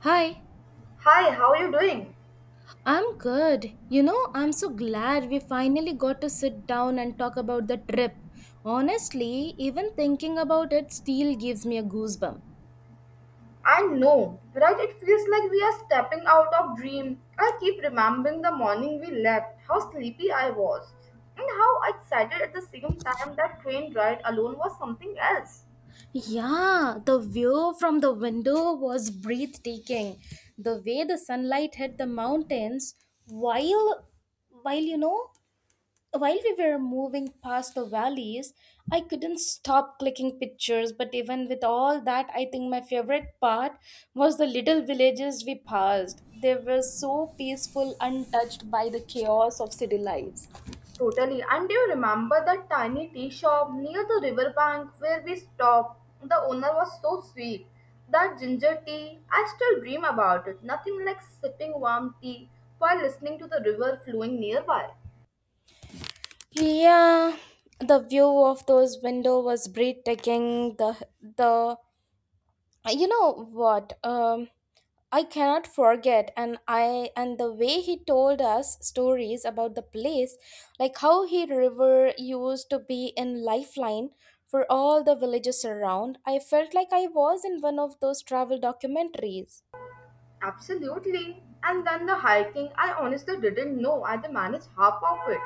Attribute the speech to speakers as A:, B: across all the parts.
A: Hi,
B: Hi, how are you doing?
A: I'm good. You know, I'm so glad we finally got to sit down and talk about the trip. Honestly, even thinking about it still gives me a goosebump.
B: I know, right? It feels like we are stepping out of dream. I keep remembering the morning we left, how sleepy I was, and how excited at the same time that train ride alone was something else.
A: Yeah, the view from the window was breathtaking. The way the sunlight hit the mountains while while While we were moving past the valleys, I couldn't stop clicking pictures. But even with all that, I think my favorite part was the little villages we passed. They were so peaceful, untouched by the chaos of city lives.
B: Totally. And do you remember that tiny tea shop near the riverbank where we stopped? The owner was so sweet. That ginger tea, I still dream about it. Nothing like sipping warm tea while listening to the river flowing nearby.
A: Yeah, the view of those window was breathtaking. The you know what? I cannot forget and I and the way he told us stories about the place, like how he river used to be in lifeline for all the villages around. I felt like I was in one of those travel documentaries.
B: Absolutely. And then the hiking, I honestly didn't know I could manage half of it.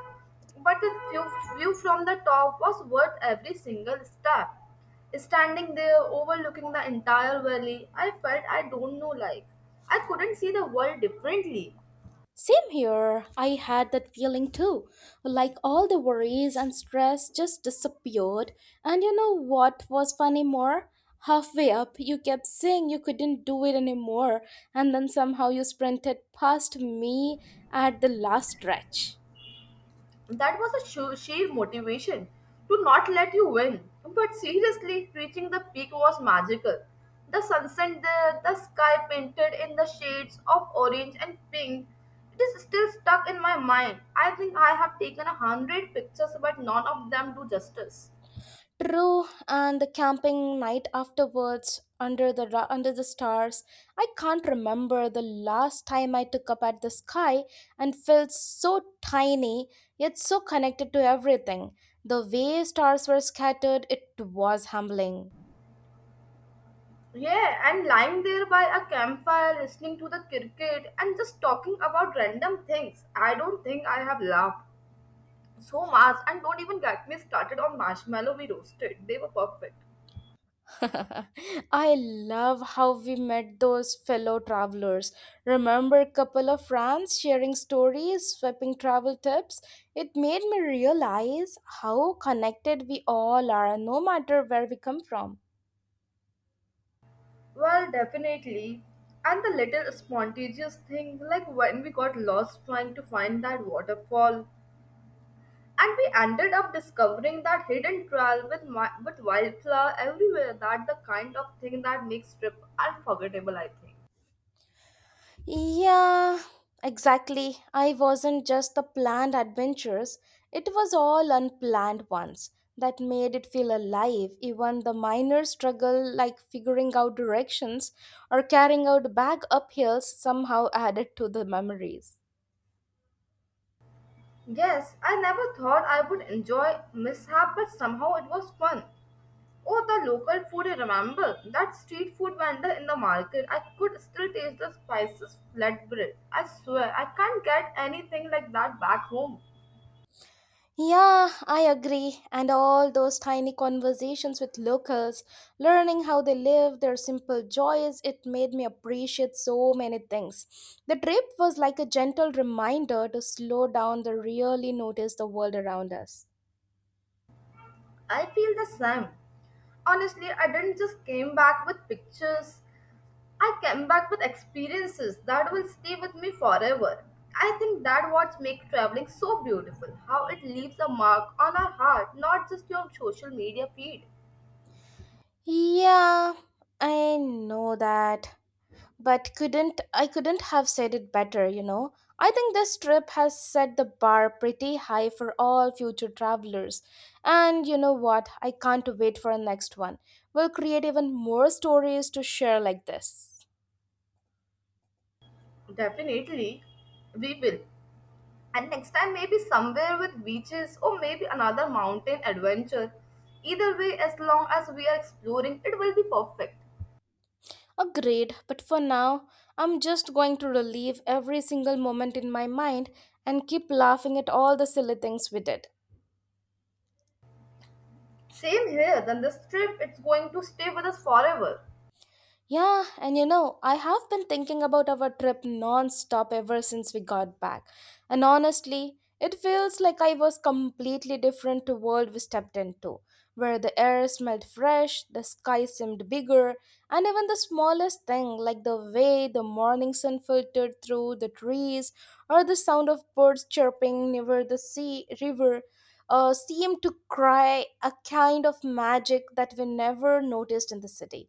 B: But the view from the top was worth every single step. Standing there overlooking the entire valley, I felt I don't know like I couldn't see the world differently.
A: Same here. I had that feeling too. Like all the worries and stress just disappeared. And you know what was funny more? Halfway up, you kept saying you couldn't do it anymore, and then somehow you sprinted past me at the last stretch.
B: That was a sheer motivation to not let you win. But seriously, reaching the peak was magical. The sunset there, the sky painted in the shades of orange and pink. It is still stuck in my mind. I think I have taken 100 pictures, but none of them do justice.
A: True, and the camping night afterwards under the stars. I can't remember the last time I took up at the sky and felt so tiny yet so connected to everything. The way stars were scattered, it was humbling.
B: Yeah, and lying there by a campfire, listening to the cricket, and just talking about random things. I don't think I have laughed so much, and don't even get me started on marshmallow we roasted. They were perfect.
A: I love how we met those fellow travelers. Remember couple of friends sharing stories, swapping travel tips? It made me realize how connected we all are no matter where we come from.
B: Well, definitely. And the little spontaneous thing, like when we got lost trying to find that waterfall, and we ended up discovering that hidden trail with with wildflower everywhere. That the kind of thing that makes trip unforgettable, I think.
A: Yeah, exactly. I wasn't just the planned adventures, it was all unplanned ones that made it feel alive. Even the minor struggle, like figuring out directions or carrying out bag up hills, somehow added to the memories.
B: Yes, I never thought I would enjoy mishap, but somehow it was fun. Oh, the local food, you remember? That street food vendor in the market. I could still taste the spices flatbread. I swear, I can't get anything like that back home.
A: Yeah, I agree. And all those tiny conversations with locals, learning how they live, their simple joys, it made me appreciate so many things. The trip was like a gentle reminder to slow down to really notice the world around us.
B: I feel the same. Honestly, I didn't just came back with pictures. I came back with experiences that will stay with me forever. I think that what makes traveling so beautiful, how it leaves a mark on our heart, not just your social media feed.
A: Yeah, I know that, but couldn't have said it better, you know. I think this trip has set the bar pretty high for all future travelers. And you know what? I can't wait for our next one. We'll create even more stories to share like this.
B: Definitely, we will. And next time, maybe somewhere with beaches or maybe another mountain adventure. Either way, as long as we are exploring, it will be perfect.
A: Agreed, but for now, I'm just going to relive every single moment in my mind and keep laughing at all the silly things we did.
B: Same here, then this trip it's going to stay with us forever.
A: Yeah, and you know, I have been thinking about our trip non-stop ever since we got back. And honestly, it feels like I was completely different to world we stepped into, where the air smelled fresh, the sky seemed bigger, and even the smallest thing like the way the morning sun filtered through the trees or the sound of birds chirping near the sea river seemed to cry a kind of magic that we never noticed in the city.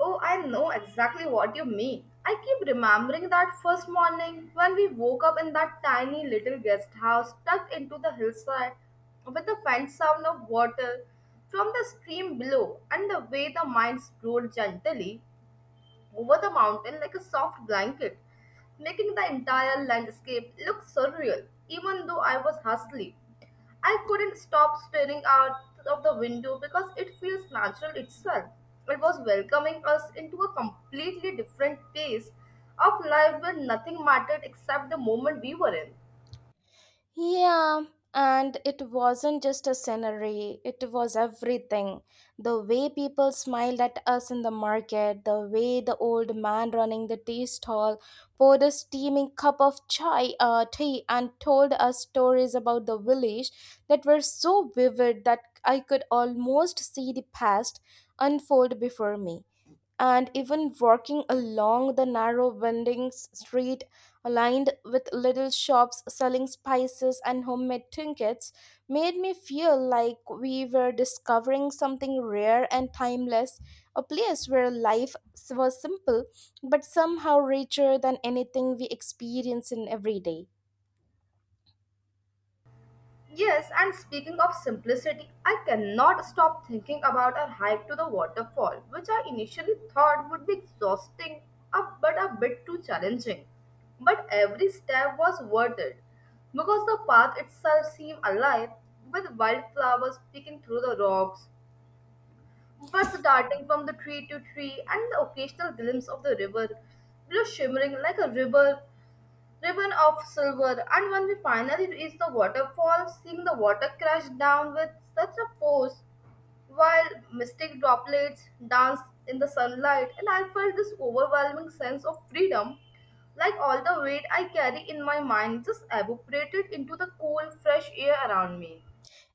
B: Oh, I know exactly what you mean. I keep remembering that first morning when we woke up in that tiny little guest house tucked into the hillside with the faint sound of water from the stream below and the way the mind flowed gently over the mountain like a soft blanket, making the entire landscape look surreal, even though I was hustling. I couldn't stop staring out of the window because it feels natural itself. It was welcoming us into a completely different pace of life where nothing mattered except the moment we were in.
A: Yeah, and it wasn't just a scenery, it was everything. The way people smiled at us in the market, the way the old man running the tea stall poured a steaming cup of chai, tea, and told us stories about the village that were so vivid that I could almost see the past unfold before me, and even walking along the narrow winding street lined with little shops selling spices and homemade trinkets made me feel like we were discovering something rare and timeless, a place where life was simple but somehow richer than anything we experience in every day.
B: Yes, and speaking of simplicity, I cannot stop thinking about our hike to the waterfall, which I initially thought would be exhausting, but a bit too challenging. But every step was worth it because the path itself seemed alive with wildflowers peeking through the rocks, birds darting from the tree to tree, and the occasional glimpse of the river below shimmering like a river ribbon of silver, and when we finally reached the waterfall, seeing the water crash down with such a force while mystic droplets danced in the sunlight, and I felt this overwhelming sense of freedom. Like all the weight I carry in my mind just evaporated into the cool, fresh air around me.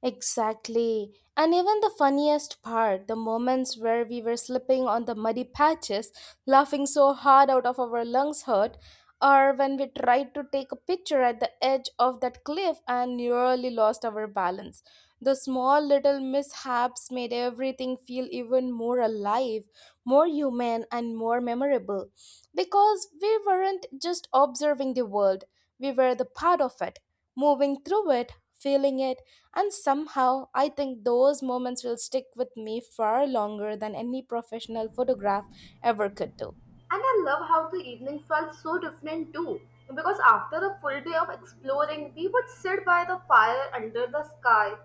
A: Exactly. And even the funniest part, the moments where we were slipping on the muddy patches, laughing so hard out of our lungs hurt, or when we tried to take a picture at the edge of that cliff and nearly lost our balance. The small little mishaps made everything feel even more alive, more human, and more memorable. Because we weren't just observing the world, we were the part of it, moving through it, feeling it, and somehow, I think those moments will stick with me far longer than any professional photograph ever could do.
B: And I love how the evening felt so different too. Because after a full day of exploring, we would sit by the fire under the sky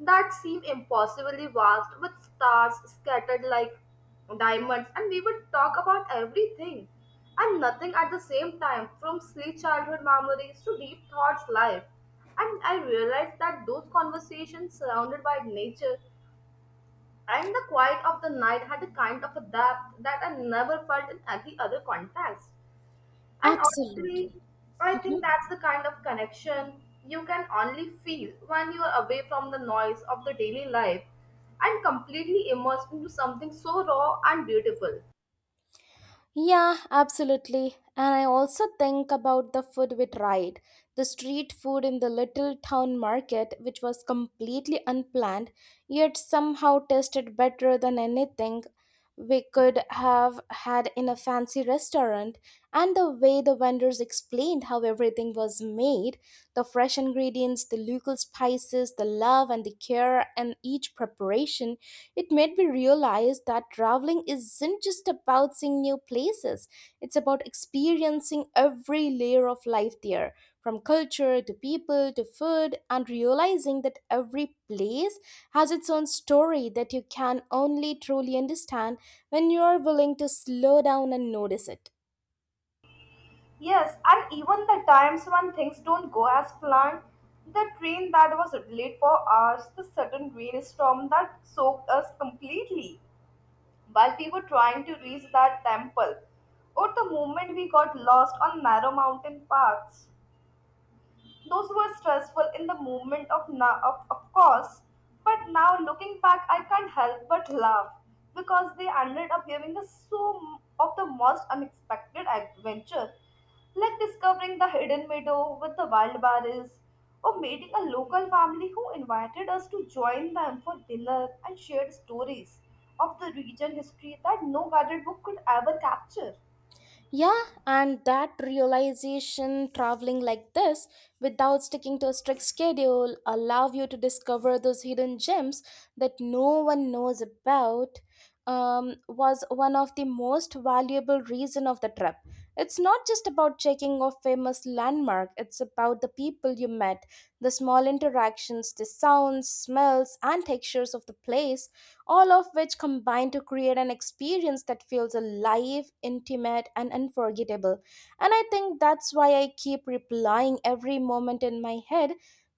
B: that seemed impossibly vast with stars scattered like diamonds, and we would talk about everything and nothing at the same time from silly childhood memories to deep thoughts life. And I realized that those conversations surrounded by nature and the quiet of the night had a kind of a depth that I never felt in any other context. And honestly,
A: Absolutely.
B: I think
A: Mhm.
B: that's the kind of connection you can only feel when you are away from the noise of the daily life and completely immersed into something so raw and beautiful.
A: Yeah, absolutely. And I also think about the food we tried. The street food in the little town market, which was completely unplanned, yet somehow tasted better than anything we could have had in a fancy restaurant, and the way the vendors explained how everything was made, the fresh ingredients, the local spices, the love and the care in each preparation, it made me realize that traveling isn't just about seeing new places, it's about experiencing every layer of life there. From culture to people to food, and realizing that every place has its own story that you can only truly understand when you are willing to slow down and notice it.
B: Yes, and even the times when things don't go as planned, the train that was late for hours, the sudden rainstorm that soaked us completely while we were trying to reach that temple, or the moment we got lost on narrow mountain paths. Those were stressful in the moment of now, of course, but now looking back, I can't help but laugh because they ended up giving us so of the most unexpected adventure, like discovering the hidden meadow with the wild berries, or meeting a local family who invited us to join them for dinner and shared stories of the region history that no guided book could ever capture.
A: Yeah, and that realization, traveling like this without sticking to a strict schedule allow you to discover those hidden gems that no one knows about, was one of the most valuable reason of the trip. It's not just about checking off famous landmark, it's about the people you met, the small interactions, the sounds, smells and textures of the place, all of which combine to create an experience that feels alive, intimate, and unforgettable. And I think that's why I keep replaying every moment in my head,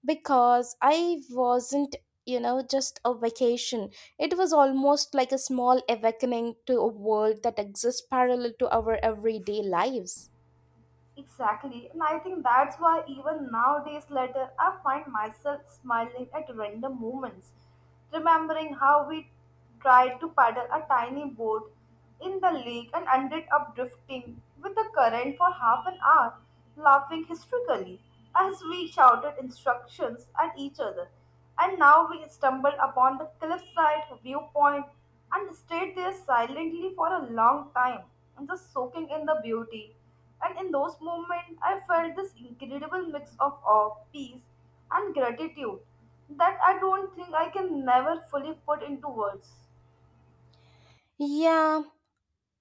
A: because I wasn't, you know, just a vacation. It was almost like a small awakening to a world that exists parallel to our everyday lives.
B: Exactly, and I think that's why even nowadays later I find myself smiling at random moments, remembering how we tried to paddle a tiny boat in the lake and ended up drifting with the current for half an hour, laughing hysterically as we shouted instructions at each other. And now we stumbled upon the cliffside viewpoint and stayed there silently for a long time, just soaking in the beauty and in those moments, I felt this incredible mix of awe, peace, and gratitude that I don't think I can never fully put into words.
A: Yeah,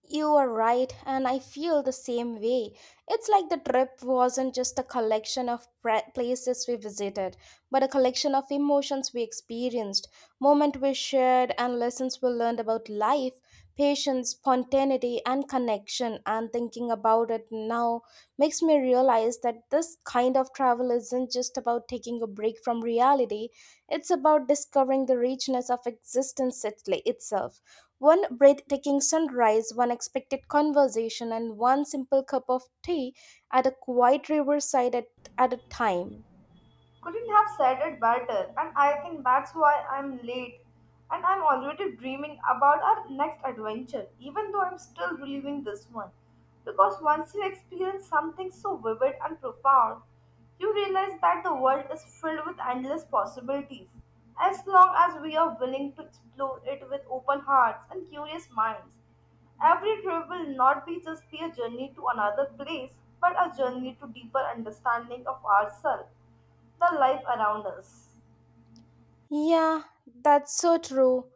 A: you are right, and I feel the same way. It's like the trip wasn't just a collection of places we visited, but a collection of emotions we experienced, moments we shared, and lessons we learned about life, patience, spontaneity, and connection. And thinking about it now makes me realize that this kind of travel isn't just about taking a break from reality, it's about discovering the richness of existence itself. One breathtaking sunrise, one expected conversation, and one simple cup of tea at a quiet riverside at a time.
B: Couldn't have said it better, and I think that's why I'm late. And I'm already dreaming about our next adventure, even though I'm still reliving this one. Because once you experience something so vivid and profound, you realize that the world is filled with endless possibilities, as long as we are willing to explore it with open hearts and curious minds. Every trip will not be just be a journey to another place, but a journey to deeper understanding of ourselves the life around us.
A: Yeah, that's so true.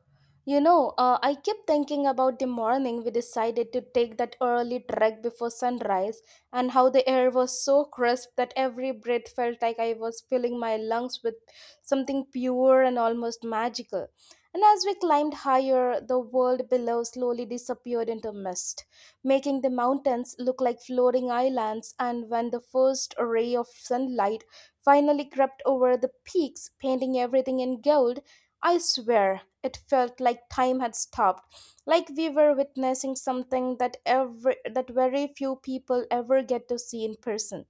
A: You know, I keep thinking about the morning we decided to take that early trek before sunrise and how the air was so crisp that every breath felt like I was filling my lungs with something pure and almost magical. And as we climbed higher, the world below slowly disappeared into mist, making the mountains look like floating islands. And when the first ray of sunlight finally crept over the peaks, painting everything in gold, I swear it felt like time had stopped, like we were witnessing something that every that very few people ever get to see in person.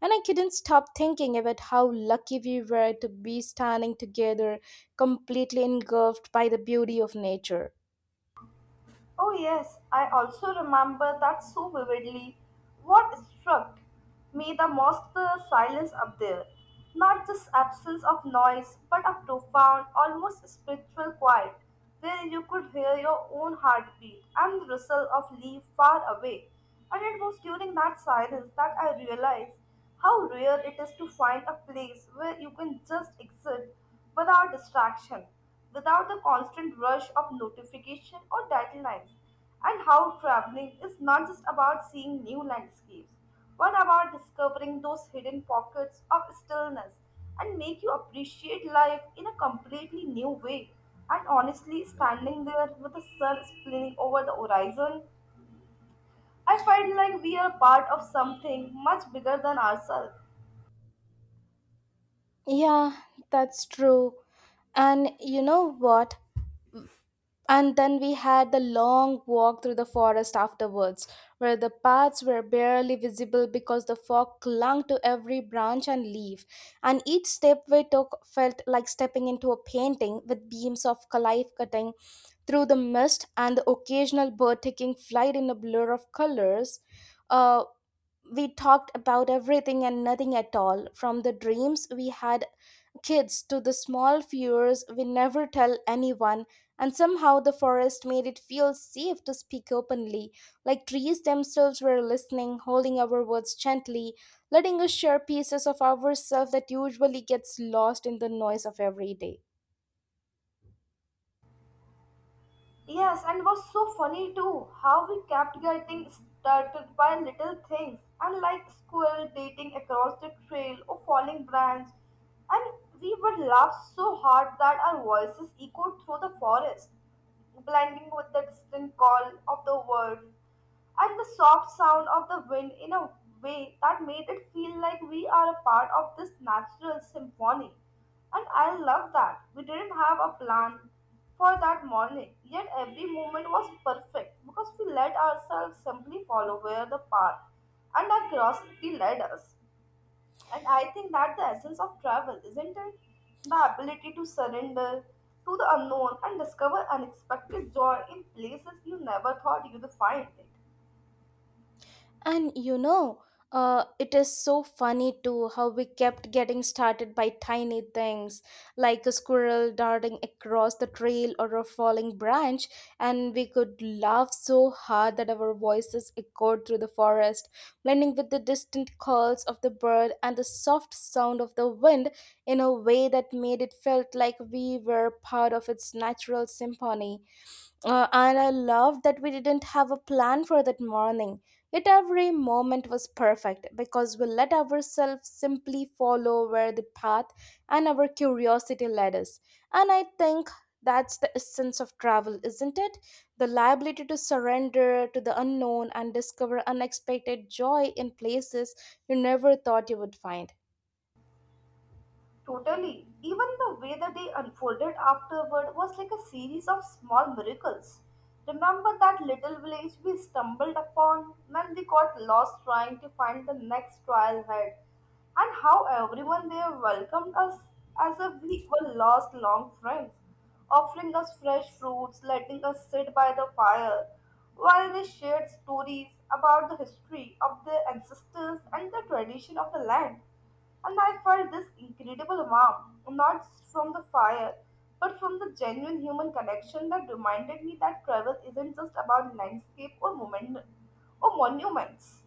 A: And I couldn't stop thinking about how lucky we were to be standing together, completely engulfed by the beauty of nature.
B: Oh, yes, I also remember that so vividly. What struck me the most the silence up there. Not just absence of noise, but a profound, almost spiritual quiet, where you could hear your own heartbeat and the rustle of leaves far away. And it was during that silence that I realized how rare it is to find a place where you can just exist without distraction, without the constant rush of notification or deadlines, and how traveling is not just about seeing new landscapes, but about discovering those hidden pockets of stillness and make you appreciate life in a completely new way. And honestly, standing there with the sun spilling over the horizon, I felt like we are part of something much bigger than ourselves.
A: Yeah, that's true. And you know what? And then we had the long walk through the forest afterwards, where the paths were barely visible because the fog clung to every branch and leaf, and each step we took felt like stepping into a painting with beams of life cutting through the mist and the occasional bird taking flight in a blur of colors. Uh, we talked about everything and nothing at all, from the dreams we had kids to the small fears we never tell anyone, and somehow the forest made it feel safe to speak openly, like trees themselves were listening, holding our words gently, letting us share pieces of ourselves that usually gets lost in the noise of every day.
B: Yes, and was so funny too how we kept getting startled by little things, and like squirrel dating across the trail or falling branch, and we would laugh so hard that our voices echoed through the forest, blending with the distant call of the bird and the soft sound of the wind in a way that made it feel like we are a part of this natural symphony. And I love that. We didn't have a plan for that morning, yet every moment was perfect because we let ourselves simply follow where the path and our curiosity led us. And I think that the essence of travel, isn't it? The ability to surrender to the unknown and discover unexpected joy in places you never thought you'd find it.
A: And you know, it is so funny too how we kept getting started by tiny things like a squirrel darting across the trail or a falling branch, and we could laugh so hard that our voices echoed through the forest, blending with the distant calls of the bird and the soft sound of the wind in a way that made it felt like we were part of its natural symphony. And I love that we didn't have a plan for that morning. Yet every moment was perfect because we let ourselves simply follow where the path and our curiosity led us. And I think that's the essence of travel, isn't it? The liability to surrender to the unknown and discover unexpected joy in places you never thought you would find.
B: Totally. Even the way the day unfolded afterward was like a series of small miracles. Remember that little village we stumbled upon when we got lost trying to find the next trial head, and how everyone there welcomed us as if we were lost long friends, offering us fresh fruits, letting us sit by the fire, while they shared stories about the history of their ancestors and the tradition of the land. And I felt this incredible warmth, not just from the fire, but from the genuine human connection that reminded me that travel isn't just about landscape or moment or monuments.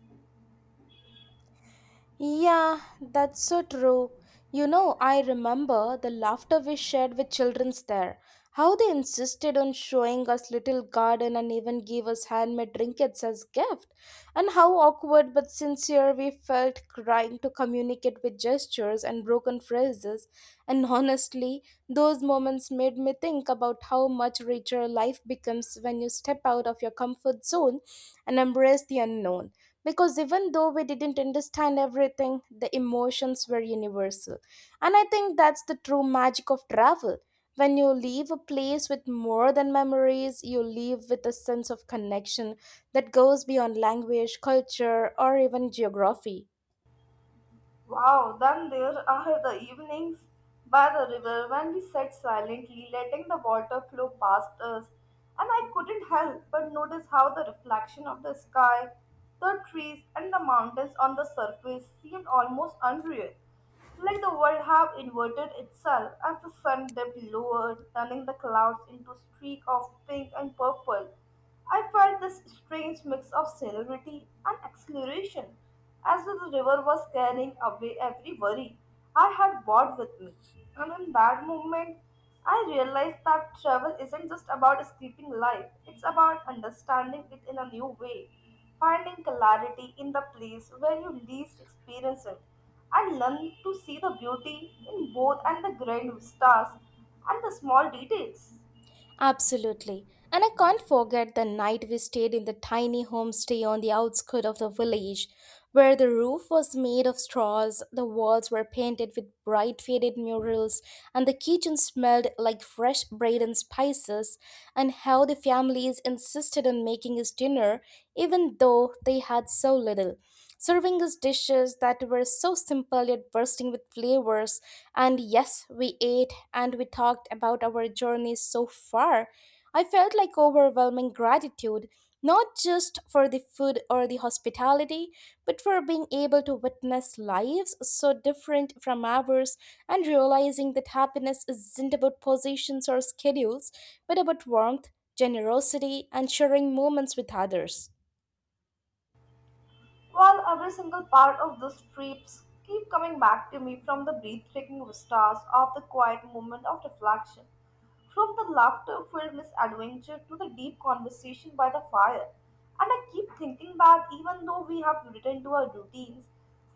A: Yeah, that's so true. You know, I remember the laughter we shared with children's there. How they insisted on showing us little garden and even gave us handmade trinkets as gift. And how awkward but sincere we felt trying to communicate with gestures and broken phrases. And honestly, those moments made me think about how much richer life becomes when you step out of your comfort zone and embrace the unknown, because even though we didn't understand everything, the emotions were universal. And I think that's the true magic of travel. When you leave a place with more than memories, you leave with a sense of connection that goes beyond language, culture, or even geography.
B: Wow, then there are the evenings by the river when we sat silently, letting the water flow past us, and I couldn't help but notice how the reflection of the sky, the trees, and the mountains on the surface seemed almost unreal, like the world have inverted itself as the sun dipped lower, turning the clouds into a streak of pink and purple. I felt this strange mix of celerity and exhilaration, as though the river was carrying away every worry I had brought with me. And in that moment, I realized that travel isn't just about escaping life, it's about understanding it in a new way finding clarity in the place where you least experience it, and learn to see the beauty in both and the grand stars and the small details.
A: Absolutely. And I can't forget the night we stayed in the tiny homestay on the outskirts of the village, where the roof was made of straws, the walls were painted with bright faded murals, and the kitchen smelled like fresh bread and spices, and how the families insisted on making us dinner even though they had so little, serving us dishes that were so simple yet bursting with flavors. And yes, we ate and we talked about our journeys so far. I felt like overwhelming gratitude, not just for the food or the hospitality, but for being able to witness lives so different from ours and realizing that happiness isn't about positions or schedules, but about warmth, generosity, and sharing moments with others.
B: While every single part of those trips keep coming back to me, from the breathtaking vistas of the quiet moment of reflection, from the laughter-filled misadventure to the deep conversation by the fire. And I keep thinking that even though we have returned to our routines,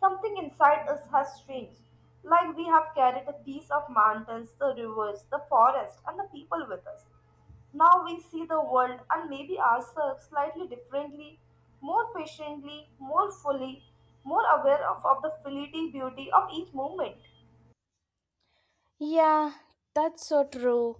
B: something inside us has changed. Like we have carried a piece of mountains, the rivers, the forest, and the people with us, now we see the world and maybe ourselves slightly differently, more patiently, more fully, more aware of the fleeting beauty of each moment.
A: Yeah, that's so true.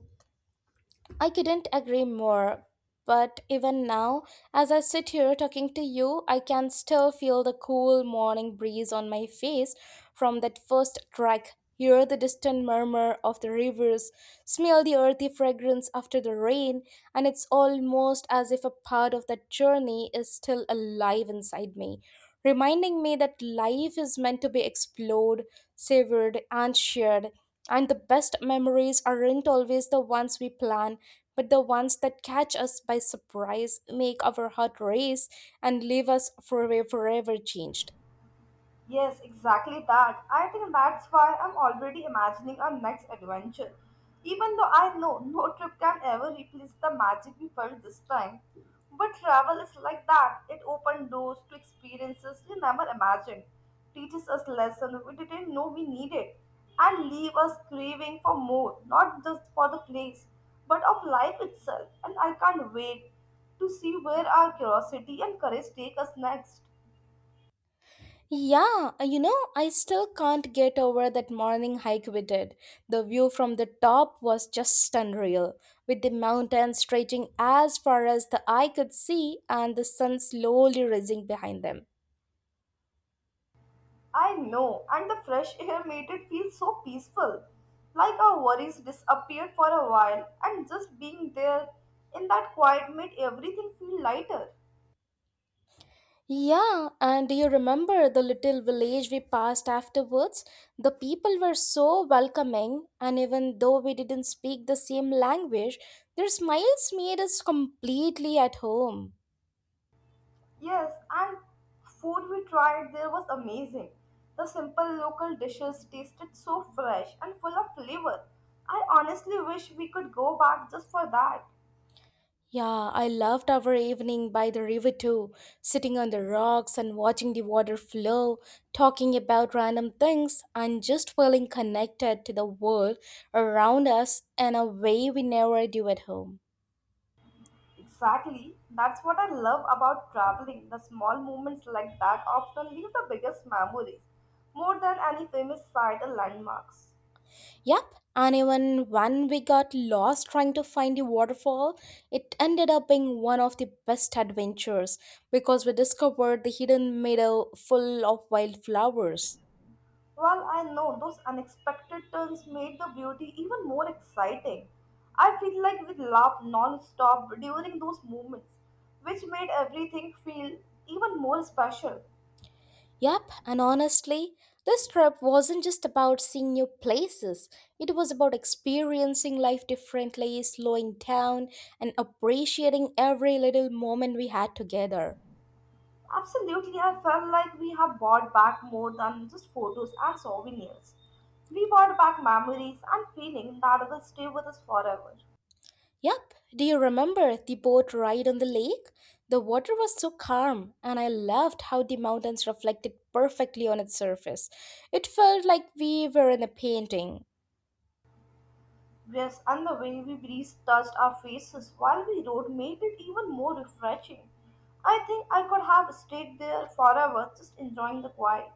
A: I couldn't agree more. But even now, as I sit here talking to you, I can still feel the cool morning breeze on my face from that first crack, hear the distant murmur of the rivers, smell the earthy fragrance after the rain, and it's almost as if a part of that journey is still alive inside me, reminding me that life is meant to be explored, savored, and shared. And the best memories aren't always the ones we plan, but the ones that catch us by surprise, make our heart race, and leave us forever changed.
B: Yes, exactly that. I think that's why I'm already imagining our next adventure. Even though I know no trip can ever replace the magic we felt this time. But travel is like that. It opened doors to experiences we never imagined, teaches us lessons we didn't know we needed, and leave us craving for more, not just for the place, but of life itself. And I can't wait to see where our curiosity and courage take us next.
A: Yeah, you know, I still can't get over that morning hike we did. The view from the top was just unreal, with the mountains stretching as far as the eye could see and the sun slowly rising behind them.
B: I know, and the fresh air made it feel so peaceful. Like our worries disappeared for a while, and just being there in that quiet made everything feel lighter.
A: Yeah, and do you remember the little village we passed afterwards? The people were so welcoming, and even though we didn't speak the same language, their smiles made us completely at home.
B: Yes, and food we tried there was amazing. The simple local dishes tasted so fresh and full of flavor. I honestly wish we could go back just for that.
A: Yeah, I loved our evening by the river too, sitting on the rocks and watching the water flow, talking about random things, and just feeling connected to the world around us in a way we never do at home.
B: Exactly. That's what I love about traveling. The small moments like that often leave the biggest memories, more than any famous sight or landmarks.
A: Yep, and even when we got lost trying to find the waterfall, it ended up being one of the best adventures because we discovered the hidden meadow full of wildflowers.
B: Well, I know those unexpected turns made the beauty even more exciting. I feel like we laughed non-stop during those moments, which made everything feel even more special.
A: Yep, and honestly, this trip wasn't just about seeing new places. It was about experiencing life differently, slowing down, and appreciating every little moment we had together.
B: Absolutely, I felt like we have bought back more than just photos and souvenirs. We bought back memories and feelings that will stay with us forever.
A: Yep, do you remember the boat ride on the lake? The water was so calm, and I loved how the mountains reflected perfectly on its surface. It felt like we were in a painting.
B: Yes, and the way we breeze touched our faces while we rode made it even more refreshing. I think I could have stayed there forever just enjoying the quiet.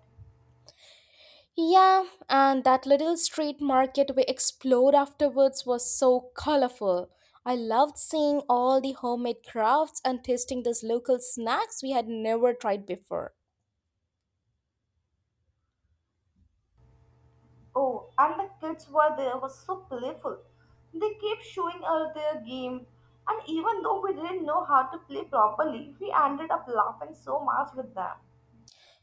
A: Yeah, and that little street market we explored afterwards was so colorful. I loved seeing all the homemade crafts and tasting those local snacks we had never tried before.
B: Oh, and the kids were there were so playful. They kept showing us their game, and even though we didn't know how to play properly, we ended up laughing so much with them.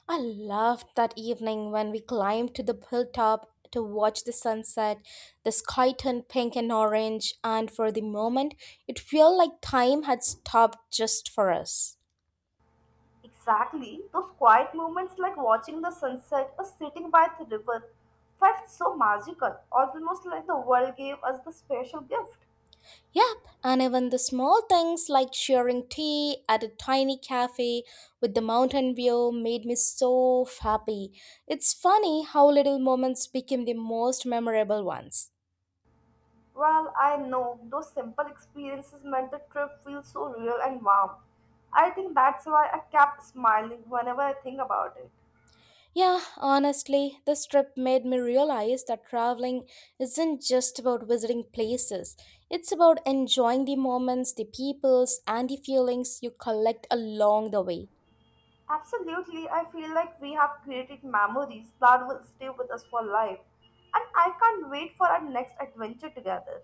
A: I loved that evening when we climbed to the hilltop to watch the sunset. The sky turned pink and orange, and for the moment, it felt like time had stopped just for us.
B: Exactly. Those quiet moments like watching the sunset or sitting by the river felt so magical, almost like the world gave us the special gift.
A: Yep, and even the small things like sharing tea at a tiny cafe with the mountain view made me so happy. It's funny how little moments became the most memorable ones.
B: Well, I know those simple experiences made the trip feel so real and warm. I think that's why I kept smiling whenever I think about it.
A: Yeah, honestly, this trip made me realize that traveling isn't just about visiting places. It's about enjoying the moments, the peoples, and the feelings you collect along the way.
B: Absolutely, I feel like we have created memories that will stay with us for life, and I can't wait for our next adventure together.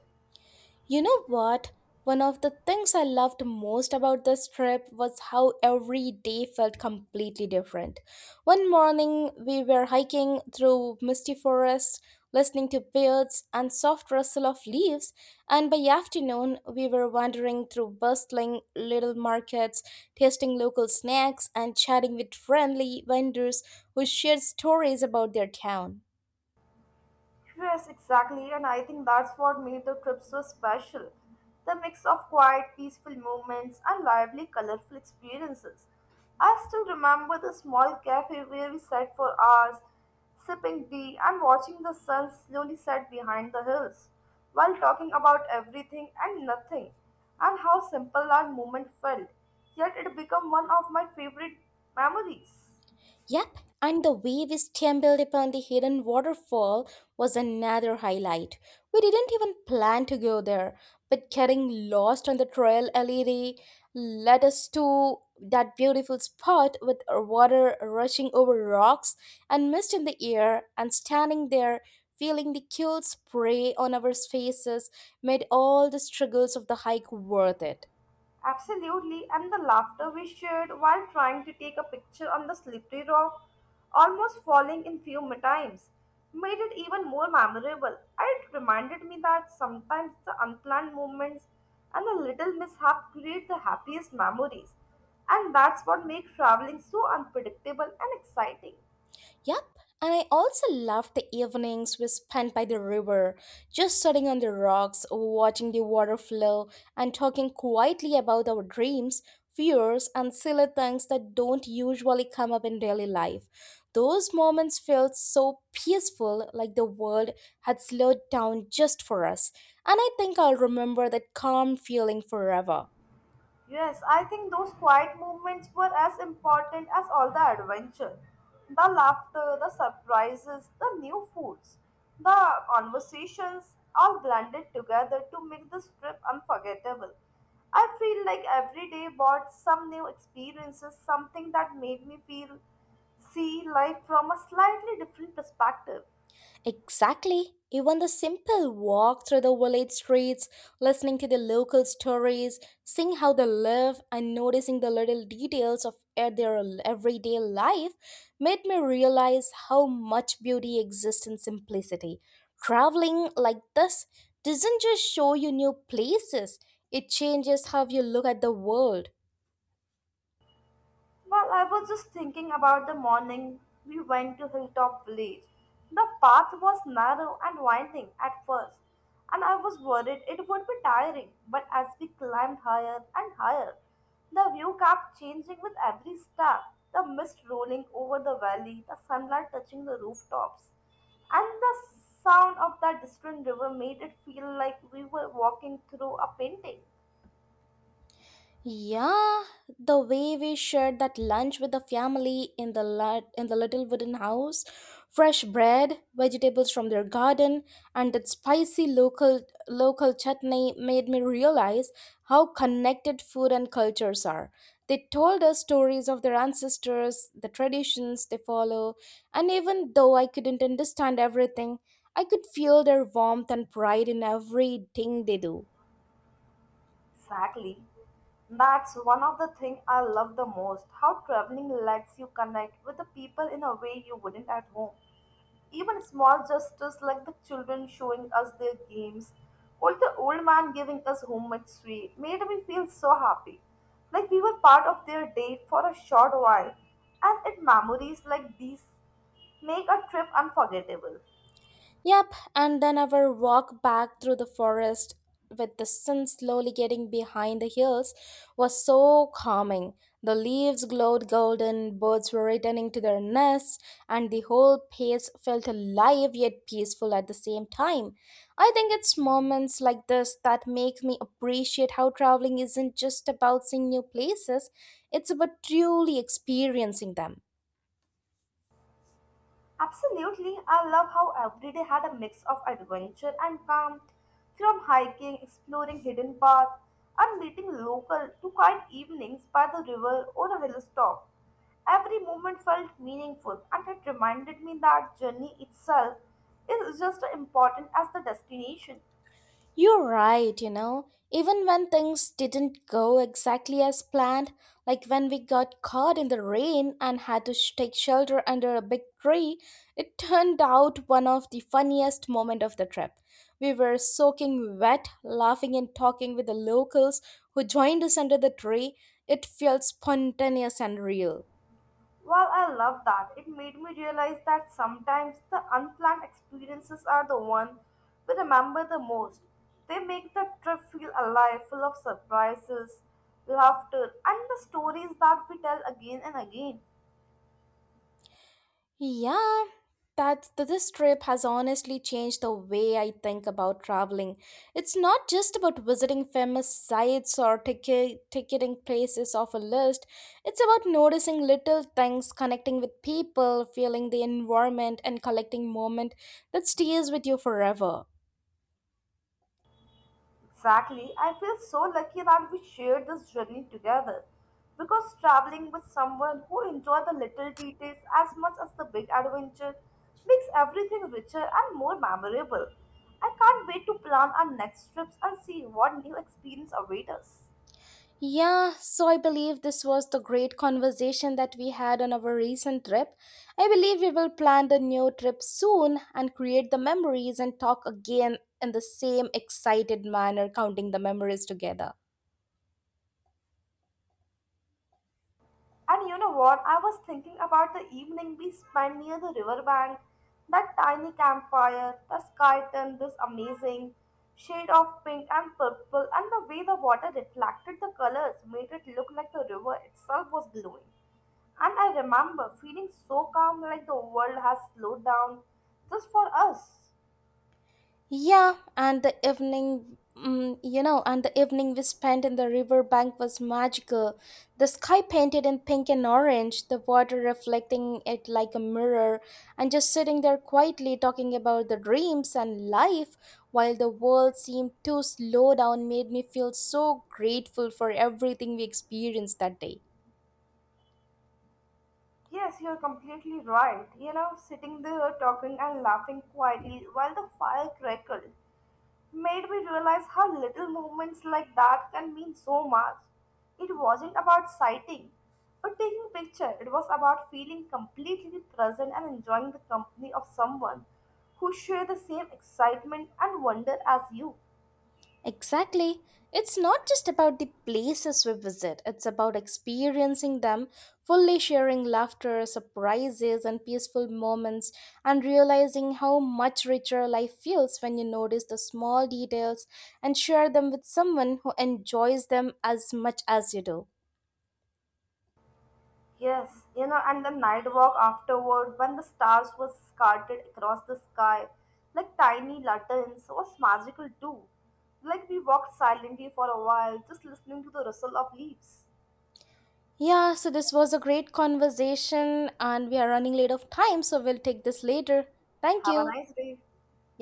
A: You know what? One of the things I loved most about this trip was how every day felt completely different. One morning, we were hiking through misty forests, listening to birds and soft rustle of leaves, and by afternoon, we were wandering through bustling little markets, tasting local snacks and chatting with friendly vendors who shared stories about their town.
B: Yes, exactly, and I think that's what made the trip so special. The mix of quiet, peaceful moments and lively, colorful experiences. I still remember the small cafe where we sat for hours, sipping tea and watching the sun slowly set behind the hills, while talking about everything and nothing, and how simple that moment felt. Yet it became one of my favorite memories.
A: Yep, and the way we stumbled upon the hidden waterfall was another highlight. We didn't even plan to go there, but getting lost on the trail led us to that beautiful spot with water rushing over rocks and mist in the air, and standing there feeling the cool spray on our faces made all the struggles of the hike worth it.
B: Absolutely, and the laughter we shared while trying to take a picture on the slippery rock, almost falling in few times, made it even more memorable. It reminded me that sometimes the unplanned moments and the little mishap create the happiest memories, and that's what makes traveling so unpredictable and exciting.
A: Yep, and I also loved the evenings we spent by the river, just sitting on the rocks, watching the water flow, and talking quietly about our dreams, fears, and silly things that don't usually come up in daily life. Those moments felt so peaceful, like the world had slowed down just for us, and I think I'll remember that calm feeling forever.
B: Yes, I think those quiet moments were as important as all the adventure. The laughter, the surprises, the new foods, the conversations all blended together to make this trip unforgettable. I feel like every day brought some new experiences, something that made me feel see life from a slightly different perspective.
A: Exactly. Even the simple walk through the village streets, listening to the local stories, seeing how they live, and noticing the little details of their everyday life made me realize how much beauty exists in simplicity. Traveling like this doesn't just show you new places, it changes how you look at the world.
B: Well, I was just thinking about the morning we went to Hilltop Village. The path was narrow and winding at first, and I was worried it would be tiring. But as we climbed higher and higher, the view kept changing with every step, the mist rolling over the valley, the sunlight touching the rooftops, and the sound of that distant river made it feel like we were walking through a painting.
A: Yeah, the way we shared that lunch with the family in the little wooden house, fresh bread, vegetables from their garden, and that spicy local chutney made me realize how connected food and cultures are. They told us stories of their ancestors, the traditions they follow, and even though I couldn't understand everything, I could feel their warmth and pride in everything they do.
B: Exactly. That's one of the things I love the most, how traveling lets you connect with the people in a way you wouldn't at home. Even small gestures like the children showing us their games or the old man giving us homemade sweet made me feel so happy. Like we were part of their day for a short while, and it memories like these make a trip unforgettable.
A: Yep, and then our walk back through the forest with the sun slowly getting behind the hills was so calming. The leaves glowed golden, birds were returning to their nests, and the whole place felt alive yet peaceful at the same time. I think it's moments like this that make me appreciate how traveling isn't just about seeing new places, it's about truly experiencing them.
B: Absolutely, I love how every day had a mix of adventure and calm, from hiking, exploring hidden paths, and meeting local to quiet evenings by the river or a hilltop. Every moment felt meaningful, and it reminded me that journey itself is just as important as the destination.
A: You're right, you know. Even when things didn't go exactly as planned, like when we got caught in the rain and had to take shelter under a big tree, it turned out one of the funniest moments of the trip. We were soaking wet, laughing and talking with the locals who joined us under the tree. It felt spontaneous and real.
B: Well, I love that. It made me realize that sometimes the unplanned experiences are the one we remember the most. They make the trip feel alive, full of surprises, laughter, and the stories that we tell again and again.
A: Yeah, this trip has honestly changed the way I think about traveling. It's not just about visiting famous sites or ticketing places off a list. It's about noticing little things, connecting with people, feeling the environment, and collecting moment that stays with you forever.
B: Exactly. I feel so lucky that we shared this journey together because traveling with someone who enjoys the little details as much as the big adventure makes everything richer and more memorable. I can't wait to plan our next trips and see what new experience await us.
A: Yeah, so I believe this was the great conversation that we had on our recent trip. I believe we will plan the new trip soon and create the memories and talk again in the same excited manner, counting the memories together.
B: And you know what? I was thinking about the evening we spent near the riverbank, that tiny campfire, the sky turned this amazing shade of pink and purple, and the way the water reflected the colors made it look like the river itself was glowing. And I remember feeling so calm, like the world has slowed down just for us.
A: Yeah, and the evening, and the evening we spent in the river bank was magical. The sky painted in pink and orange, the water reflecting it like a mirror, and just sitting there quietly talking about the dreams and life while the world seemed to slow down made me feel so grateful for everything we experienced that day.
B: Yes, you're completely right. You know, sitting there talking and laughing quietly while the fire crackled made me realize how little moments like that can mean so much. It wasn't about sighting or taking picture. It was about feeling completely present and enjoying the company of someone who shared the same excitement and wonder as you.
A: Exactly. It's not just about the places we visit, it's about experiencing them, fully sharing laughter, surprises, and peaceful moments, and realizing how much richer life feels when you notice the small details and share them with someone who enjoys them as much as you do.
B: Yes, you know, and the night walk afterward when the stars were scattered across the sky like tiny lanterns was magical too. Like we walked silently for a while, just listening to the rustle of leaves.
A: Yeah, so this was a great conversation, and we are running late of time, so we'll take this later. Thank
B: Have a
A: you.
B: nice day.
A: Yeah,